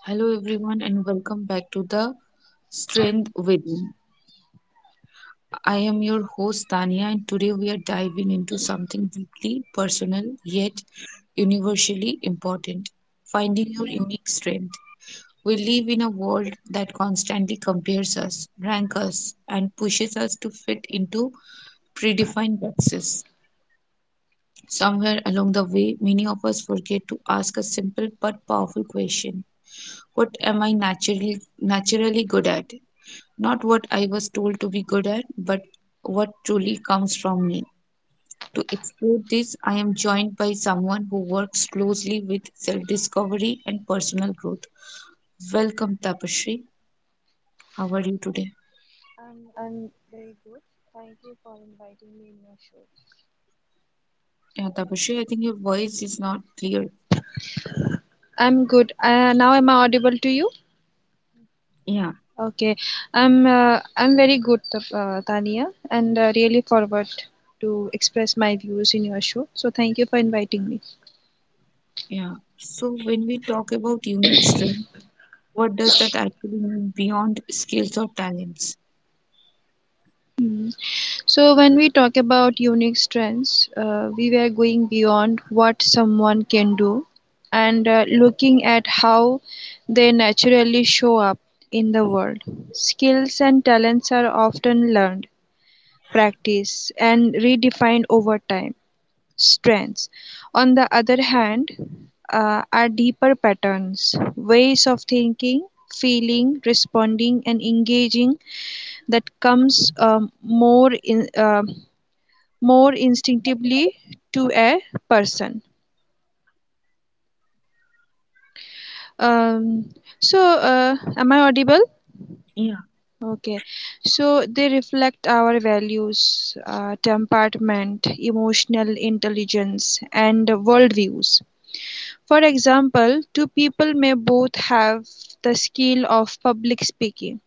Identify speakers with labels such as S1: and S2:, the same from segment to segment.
S1: Hello, everyone, and welcome back to the Strength Within. I am your host, Tania, and today we are diving into something deeply personal yet universally important: finding your unique strength. We live in a world that constantly compares us, ranks us, and pushes us to fit into predefined boxes. Somewhere along the way, many of us forget to ask a simple but powerful question: what am I naturally good at? Not what I was told to be good at, but what truly comes from me. To explore this, I am joined by someone who works closely with self discovery and personal growth. Welcome, Tapashri. How are you today?
S2: I'm very good. Thank you for inviting me in your show.
S1: Yeah, Tapashri, I think your voice is not clear.
S2: I'm good. Now am I audible to you?
S1: Yeah,
S2: Okay. I'm very good, Tania, and really forward to express my views in your show. So thank you for inviting me.
S1: yeah. So, when we talk about unique strength, what does that actually mean beyond skills or talents?
S2: So when we talk about unique strengths, we were going beyond what someone can do, and looking at how they naturally show up in the world. Skills and talents are often learned practice and redefined over time. Strengths, on the other hand, are deeper patterns, ways of thinking, feeling, responding, and engaging that comes more instinctively to a person. Um, so, am I audible?
S1: Yeah.
S2: Okay, so they reflect our values, temperament, emotional intelligence, and worldviews. For example, two people may both have the skill of public speaking;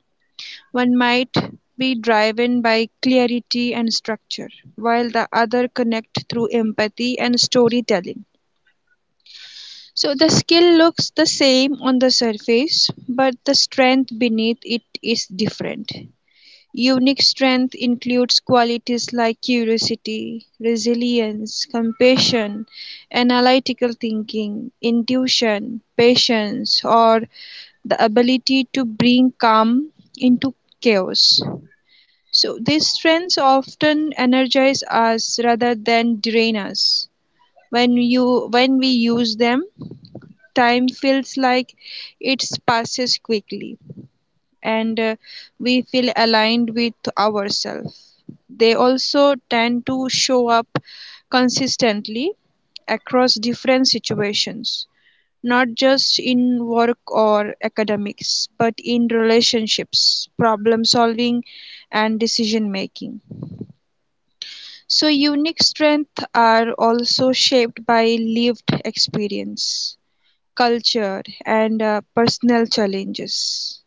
S2: one might be driven by clarity and structure, while the other connects through empathy and storytelling. So the skill looks the same on the surface, but the strength beneath it is different. Unique strength includes qualities like curiosity, resilience, compassion, analytical thinking, intuition, patience, or the ability to bring calm into chaos. So these strengths often energize us rather than drain us. When we use them, time feels like it passes quickly and we feel aligned with ourselves. They also tend to show up consistently across different situations, not just in work or academics, but in relationships, problem solving, and decision making. So, unique strengths are also shaped by lived experience, culture, and personal challenges.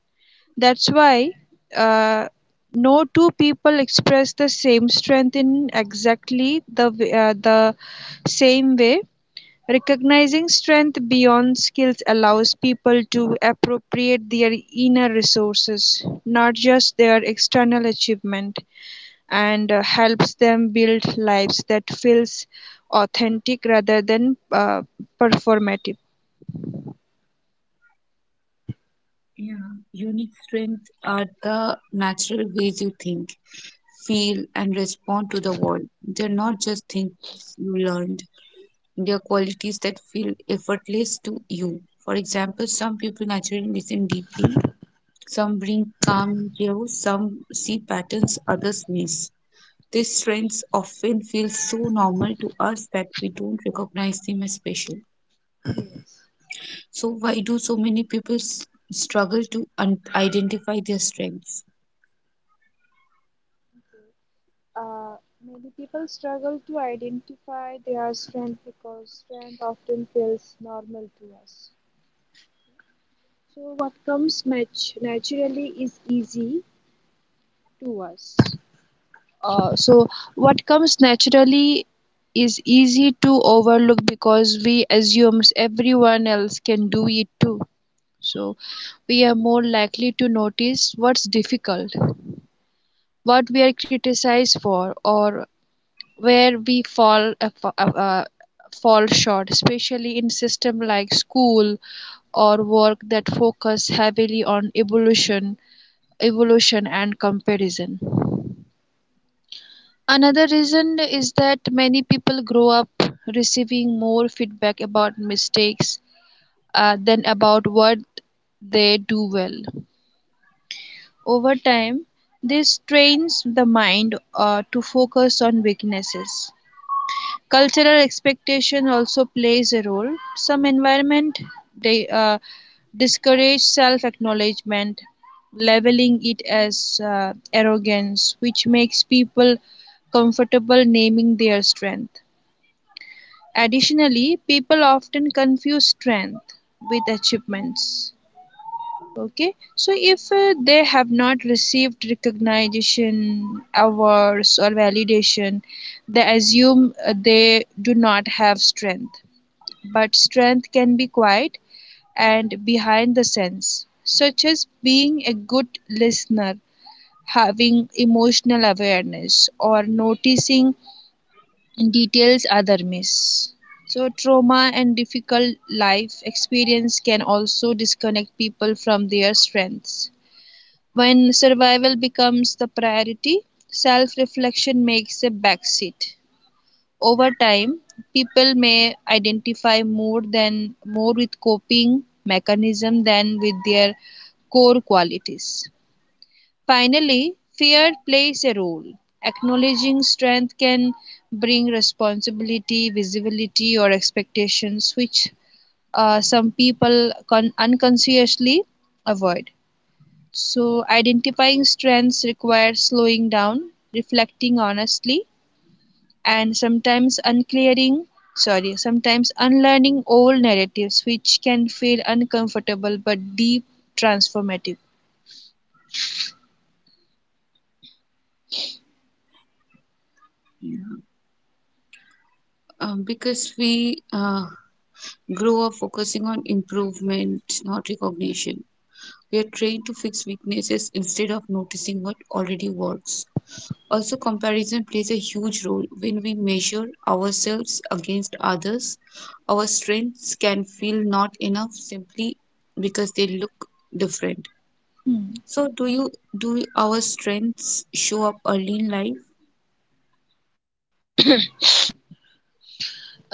S2: That's why uh, no two people express the same strength in exactly the the same way. Recognizing strength beyond skills allows people to appropriate their inner resources, not just their external achievement, and helps them build lives that feels authentic rather than performative.
S1: Yeah, unique strengths are the natural ways you think, feel, and respond to the world. They're not just things you learned, they're qualities that feel effortless to you. For example, some people naturally listen deeply, some bring calm in chaos, some see patterns others miss. These strengths often feel so normal to us that we don't recognize them as special. So, why do so many people struggle to identify their strengths?
S2: Uh, many people struggle to identify their strength because strength often feels normal to us. So, what comes match naturally is easy to us. Uh, so, what comes naturally is easy to overlook because we assume everyone else can do it too. So, we are more likely to notice what's difficult, what we are criticized for, or where we uh, fall short, especially in system like school or work that focus heavily on evolution, evolution, and comparison. Another reason is that many people grow up receiving more feedback about mistakes than about what they do well. Over time, this trains the mind to focus on weaknesses. Cultural expectation also plays a role. Some environment they discourage self-acknowledgement, leveling it as arrogance, which makes people comfortable naming their strength. Additionally, people often confuse strength with achievements. Okay, so if they have not received recognition, awards, or validation, they assume they do not have strength. But strength can be quiet and behind the sense, such as being a good listener, having emotional awareness, or noticing details others miss. So, trauma and difficult life experience can also disconnect people from their strengths when survival becomes the priority, self reflection makes a backseat. Over time, people may identify more with coping mechanism than with their core qualities. Finally, fear plays a role. Acknowledging strength can bring responsibility, visibility, or expectations, which some people unconsciously avoid. So, identifying strengths requires slowing down, reflecting honestly, and sometimes unlearning old narratives which can feel uncomfortable but deep transformative.
S1: Yeah. Because we grow up focusing on improvement, not recognition. We are trained to fix weaknesses instead of noticing what already works. Also, comparison plays a huge role when we measure ourselves against others. Our strengths can feel not enough simply because they look different. So,
S2: Hmm.
S1: do our strengths show up early in life?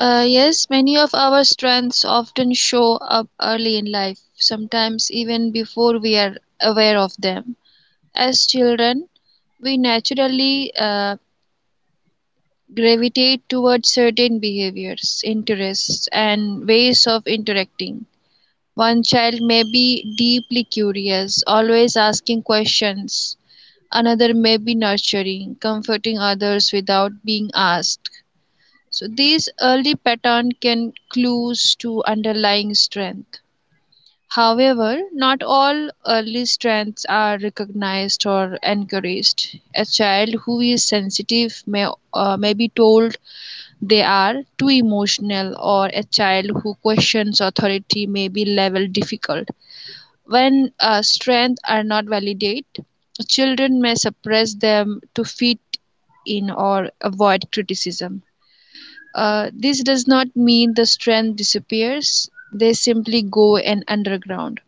S2: Yes, many of our strengths often show up early in life, sometimes even before we are aware of them. As children, we naturally gravitate towards certain behaviors, interests, and ways of interacting. One child may be deeply curious, always asking questions. Another may be nurturing, comforting others without being asked. So these early pattern can clues to underlying strength. However, not all early strengths are recognized or encouraged. A child who is sensitive may be told they are too emotional, or a child who questions authority may be labeled difficult. When strengths are not validated, children may suppress them to fit in or avoid criticism. This does not mean the strength disappears, they simply go and underground.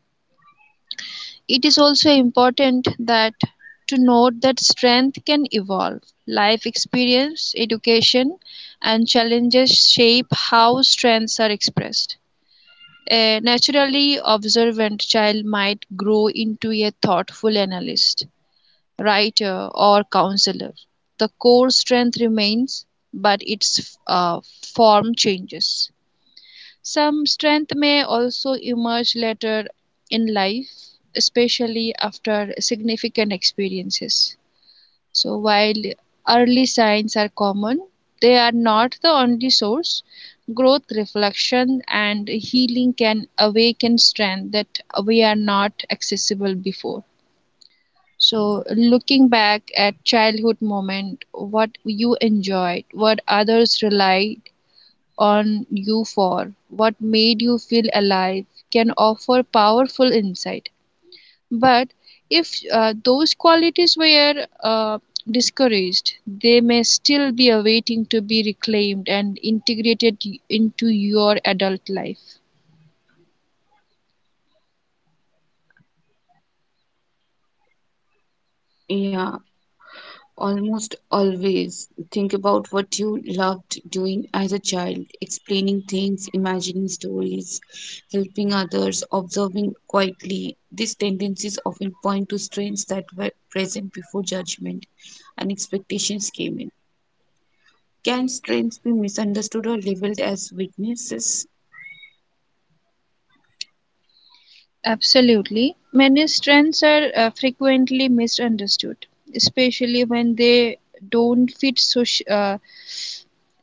S2: It is also important that to note that strength can evolve. Life experience, education, and challenges shape how strengths are expressed. A naturally observant child might grow into a thoughtful analyst, writer, or counselor. The core strength remains, but its form changes. Some strength may also emerge later in life, especially after significant experiences. So, while early signs are common, they are not the only source. Growth, reflection, and healing can awaken strength that we are not accessible before. So, looking back at childhood moment, what you enjoyed, what others relied on you for, what made you feel alive, can offer powerful insight. But if those qualities were discouraged, they may still be awaiting to be reclaimed and integrated into your adult life.
S1: Yeah, almost always think about what you loved doing as a child: explaining things, imagining stories, helping others, observing quietly. These tendencies often point to strengths that were present before judgment and expectations came in. Can
S2: Yes.
S1: strengths be misunderstood or labeled as weaknesses?
S2: Absolutely. Many strengths are frequently misunderstood, especially when they don't fit soci- uh,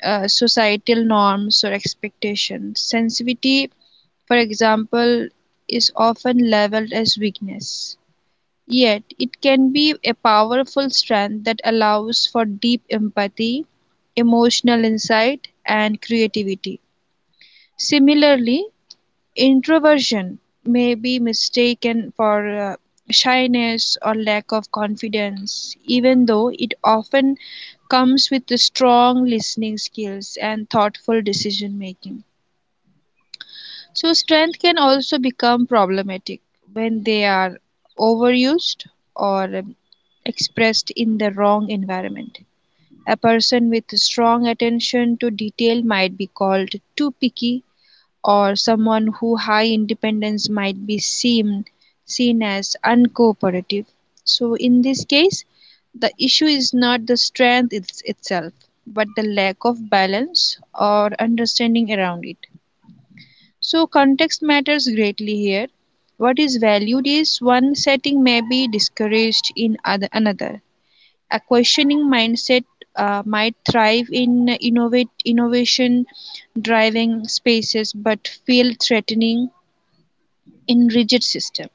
S2: uh, societal norms or expectations. Sensitivity, for example, is often leveled as weakness. Yet, it can be a powerful strength that allows for deep empathy, emotional insight, and creativity. Similarly, introversion may be mistaken for shyness or lack of confidence, even though it often comes with the strong listening skills and thoughtful decision making. So, strength can also become problematic when they are overused or expressed in the wrong environment. A person with strong attention to detail might be called too picky or someone who high independence might be seen as uncooperative. So in this case, the issue is not the strength it's itself, but the lack of balance or understanding around it. So context matters greatly here. What is valued is one setting may be discouraged in other, another. A questioning mindset might thrive in innovate innovation driving spaces but feel threatening in rigid systems.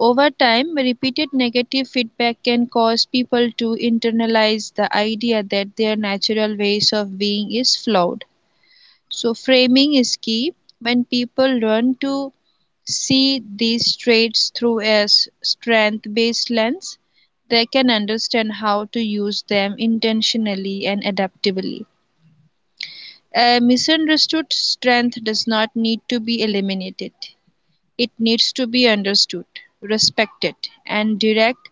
S2: Over time, repeated negative feedback can cause people to internalize the idea that their natural ways of being is flawed. So, framing is key. When people learn to see these traits through a strength based lens, they can understand how to use them intentionally and adaptively. A misunderstood strength does not need to be eliminated. It needs to be understood, respected, and direct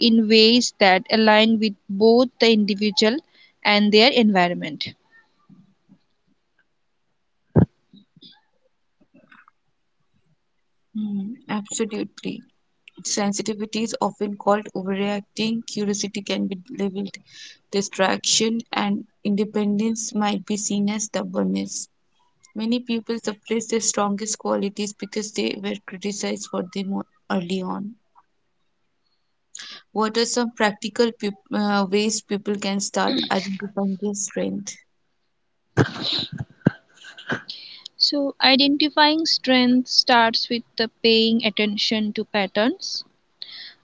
S2: in ways that align with both the individual and their environment.
S1: Hmm, absolutely. Sensitivity is often called overreacting. Curiosity can be labeled distraction, and independence might be seen as stubbornness. Many people suppress their strongest qualities because they were criticized for them early on. What are some practical ways people can start identifying their strength?
S2: So, identifying strengths starts with the paying attention to patterns.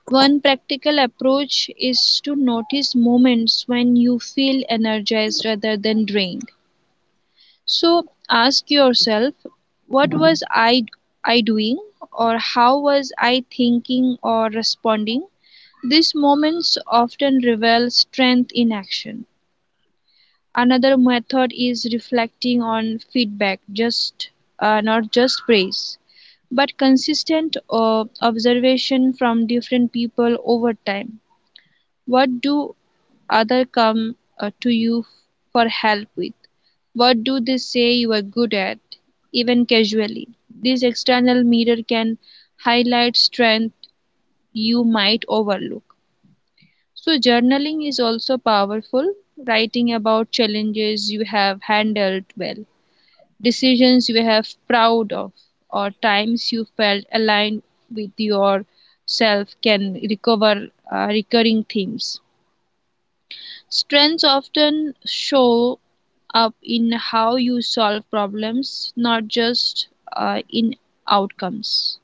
S2: One practical approach is to notice moments when you feel energized rather than drained. So, ask yourself, what was I doing or how was I thinking or responding? These moments often reveal strength in action. Another method is reflecting on feedback, just not just praise, but consistent observation from different people over time. What do other come to you for help with? What do they say you are good at, even casually? This external mirror can highlight strength you might overlook. So, journaling is also powerful, writing about challenges you have handled well, decisions you have proud of, or times you felt aligned with yourself can recover recurring themes. Strengths often show up in how you solve problems, not just in outcomes.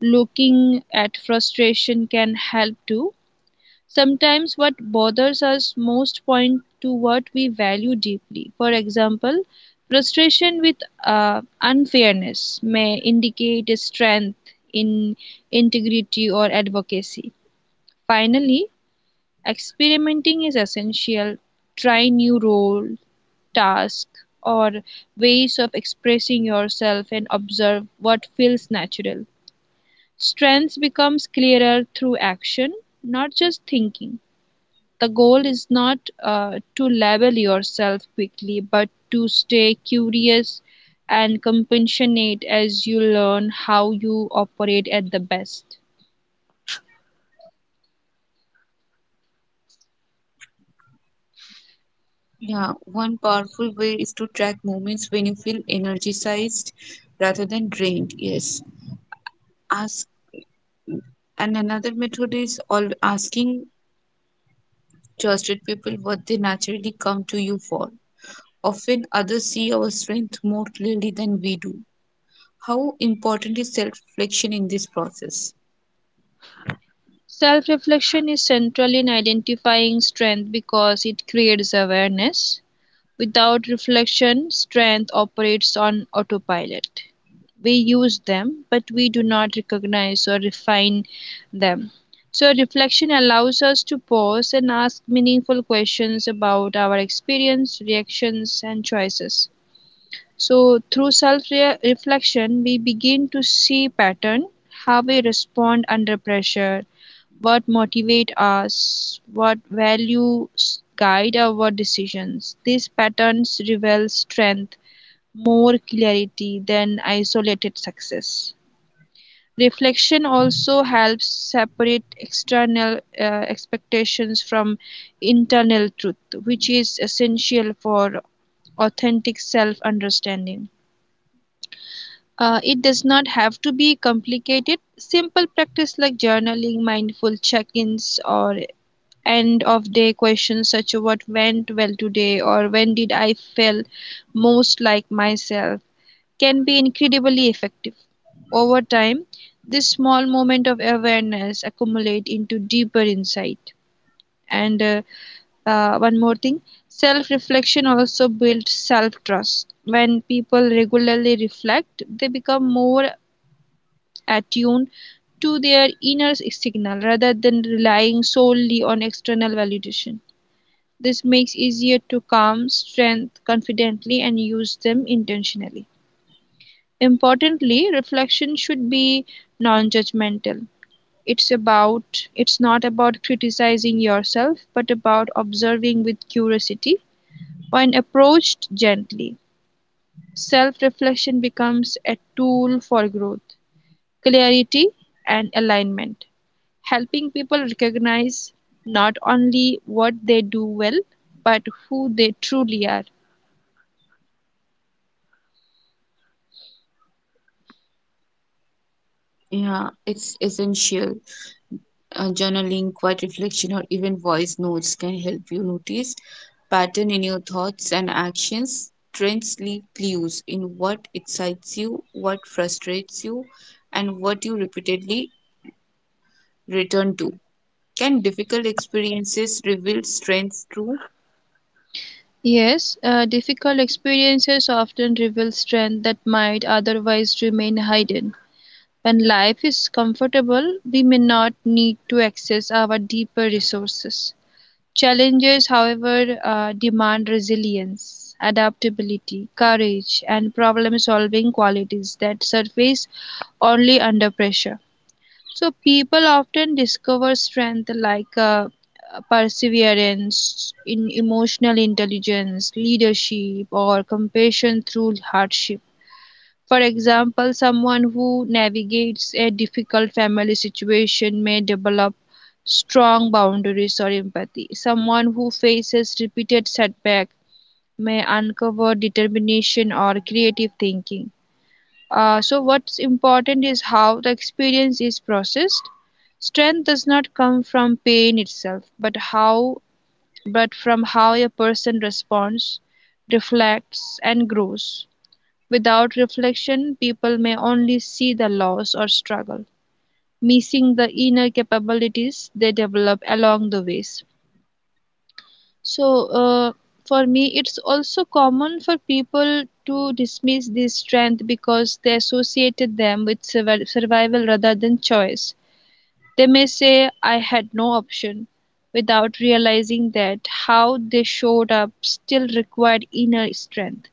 S2: Looking at frustration can help too. Sometimes what bothers us most point to what we value deeply. For example, frustration with unfairness may indicate a strength in integrity or advocacy. Finally, experimenting is essential. Try new role, task, or ways of expressing yourself and observe what feels natural. Strengths becomes clearer through action, not just thinking. The goal is not to label yourself quickly, but to stay curious and compassionate as you learn how you operate at the best.
S1: Yeah, one powerful way is to track moments when you feel energized rather than drained. Yes. Ask, and another method is all asking trusted people what they naturally come to you for. Often others see our strength more clearly than we do. How important is self reflection in this process?
S2: Self reflection is central in identifying strength because it creates awareness. Without reflection, strength operates on autopilot. We use them, but we do not recognize or refine them. So, reflection allows us to pause and ask meaningful questions about our experience, reactions, and choices. So, through self reflection, we begin to see pattern, how we respond under pressure, what motivate us, what values guide our decisions. These patterns reveal strength more clarity than isolated success. Reflection also helps separate external expectations from internal truth, which is essential for authentic self understanding. It does not have to be complicated. Simple practice like journaling, mindful check ins, or end of day questions such as what went well today or when did I feel most like myself can be incredibly effective. Over time, this small moment of awareness accumulate into deeper insight. And One more thing, self-reflection also builds self-trust. When people regularly reflect, they become more attuned to their inner signal rather than relying solely on external validation. This makes easier to calm strength confidently and use them intentionally. Importantly, reflection should be non-judgmental. It's about it's not about criticizing yourself, but about observing with curiosity when approached gently. Self-reflection becomes a tool for growth, clarity, and alignment, helping people recognize not only what they do well, but who they truly are.
S1: Yeah, it's essential. Journaling, quiet reflection, or even voice notes can help you notice pattern in your thoughts and actions. Trends leave clues in what excites you, what frustrates you, and what you repeatedly return to. Can difficult experiences reveal strengths too?
S2: Yes, difficult experiences often reveal strength that might otherwise remain hidden. When life is comfortable, we may not need to access our deeper resources. Challenges, however, demand resilience, adaptability, courage, and problem solving qualities that surface only under pressure. So people often discover strength like perseverance, in emotional intelligence, leadership, or compassion through hardship. For example, someone who navigates a difficult family situation may develop strong boundaries or empathy. Someone who faces repeated setback may uncover determination or creative thinking. So, what's important is how the experience is processed. Strength does not come from pain itself, but from how a person responds, reflects, and grows. Without reflection, people may only see the loss or struggle, missing the inner capabilities they develop along the ways. So, for me, it's also common for people to dismiss this strength because they associated them with survival rather than choice. They may say, I had no option, without realizing that how they showed up still required inner strength.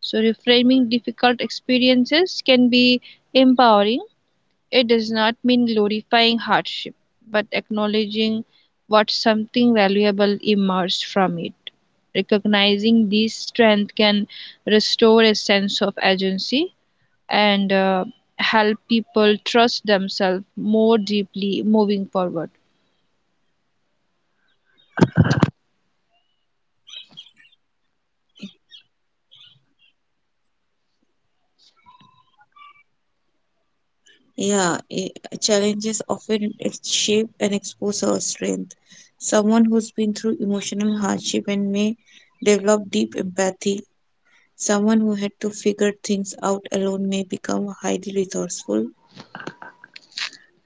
S2: So, reframing difficult experiences can be empowering. It does not mean glorifying hardship, but acknowledging what something valuable emerged from it. Recognizing this strength can restore a sense of agency and help people trust themselves more deeply moving forward.
S1: Yeah, challenges often shape and expose our strength. Someone who's been through emotional hardship and may develop deep empathy. Someone who had to figure things out alone may become highly resourceful.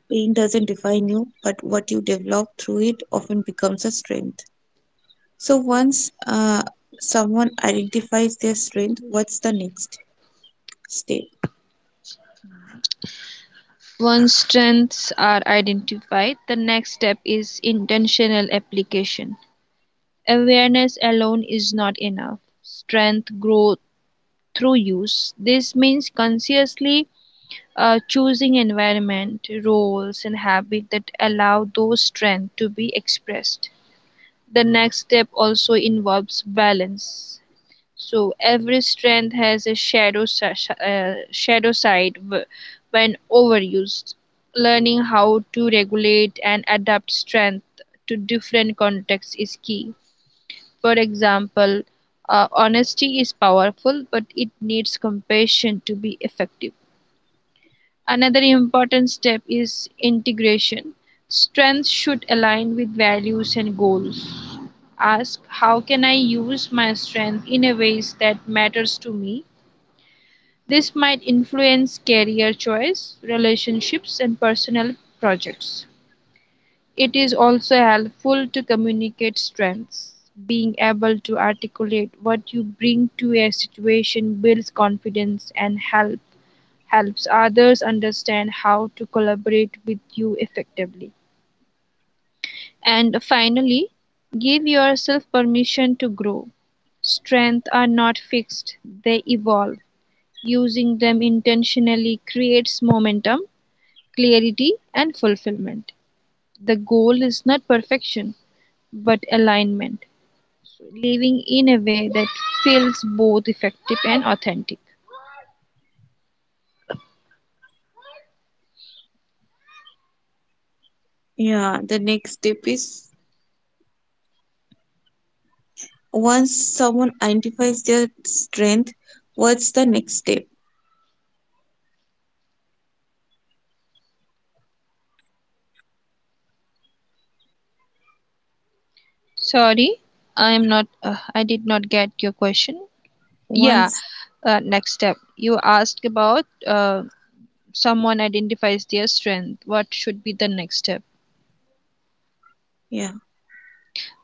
S1: Pain doesn't define you, but what you develop through it often becomes a strength. So once someone identifies their strength, what's the next step?
S2: Once strengths are identified, the next step is intentional application. Awareness alone is not enough. Strength grows through use. This means consciously choosing environment, roles, and habits that allow those strengths to be expressed. The next step also involves balance. So every strength has a shadow side when overused. Learning how to regulate and adapt strength to different contexts is key. For example, honesty is powerful, but it needs compassion to be effective. Another important step is integration. Strengths should align with values and goals. Ask how can I use my strength in a ways that matters to me? This might influence career choice, relationships and personal projects. It is also helpful to communicate strengths. Being able to articulate what you bring to a situation builds confidence and helps others understand how to collaborate with you effectively. And finally, give yourself permission to grow. Strengths are not fixed, they evolve. Using them intentionally creates momentum, clarity, and fulfillment. The goal is not perfection, but alignment. So living in a way that feels both effective and authentic.
S1: Yeah, the next step is: once someone identifies their strength, what's the next step?
S2: Sorry, I am not. I did not get your question. Yeah,
S1: Once,
S2: next step. You asked about someone identifies their strength. What should be the next step?
S1: yeah,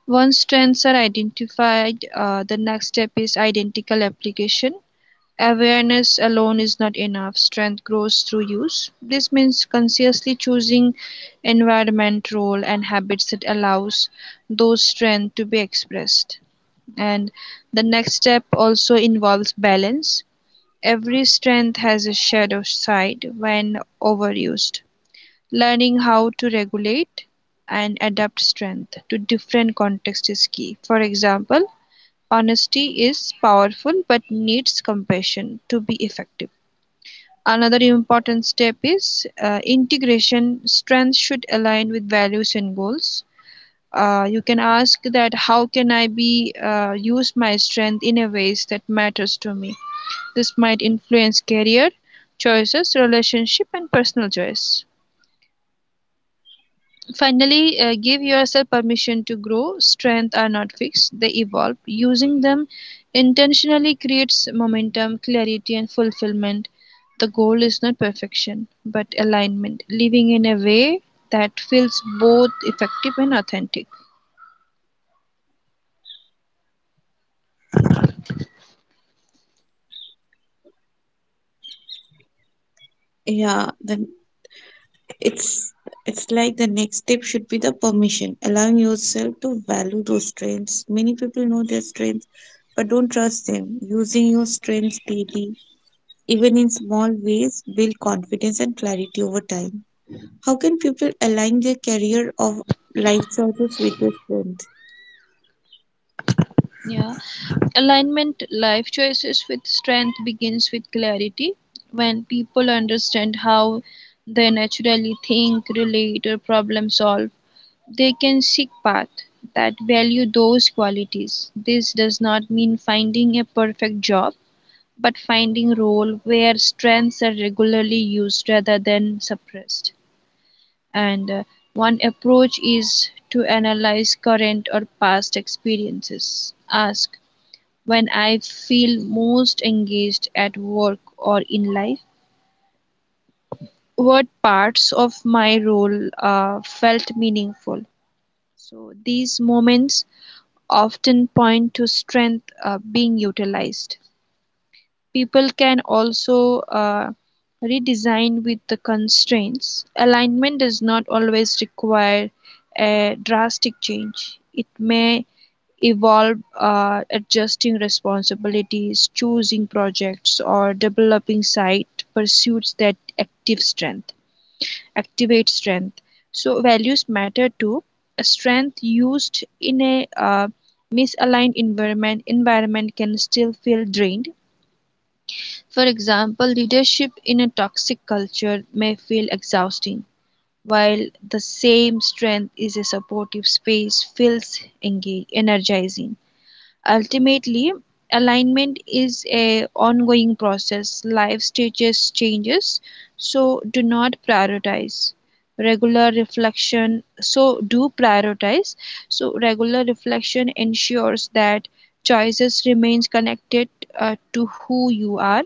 S2: Once strengths are identified, the next step is identical application. Awareness alone is not enough. Strength grows through use. This means consciously choosing environment, role, and habits that allows those strengths to be expressed. And the next step also involves balance. Every strength has a shadow side when overused; learning how to regulate and adapt strength to different contexts is key. For example, honesty is powerful but needs compassion to be effective. Another important step is integration. Strengths should align with values and goals. You can ask that how can I be use my strength in a ways that matters to me. This might influence career choices, relationship, and personal choice. Finally, give yourself permission to grow. Strengths are not fixed, they evolve. Using them intentionally creates momentum, clarity, and fulfillment. The goal is not perfection, but alignment, living in a way that feels both effective and authentic.
S1: yeah, then it's it's like the next step should be the permission, allowing yourself to value those strengths. Many people know their strengths, but don't trust them. Using your strengths daily, even in small ways, build confidence and clarity over time. How can people align their career or life choices with their strengths?
S2: Yeah. Alignment life choices with strength begins with clarity. When people understand how they naturally think, relate, or problem solve, they can seek path that value those qualities. This does not mean finding a perfect job, but finding role where strengths are regularly used rather than suppressed. And one approach is to analyze current or past experiences. Ask when I feel most engaged at work or in life? What parts of my role felt meaningful? So these moments often point to strength being utilized. People can also redesign with the constraints. Alignment does not always require a drastic change. It may involve adjusting responsibilities, choosing projects, or developing side pursuits that activate strength. So values matter too. A strength used in a misaligned environment can still feel drained. For example, leadership in a toxic culture may feel exhausting, while the same strength is a supportive space feels engage, energizing. Ultimately, alignment is a ongoing process. Life stages changes, so do not prioritize regular reflection so do prioritize so regular reflection ensures that choices remains connected to who you are.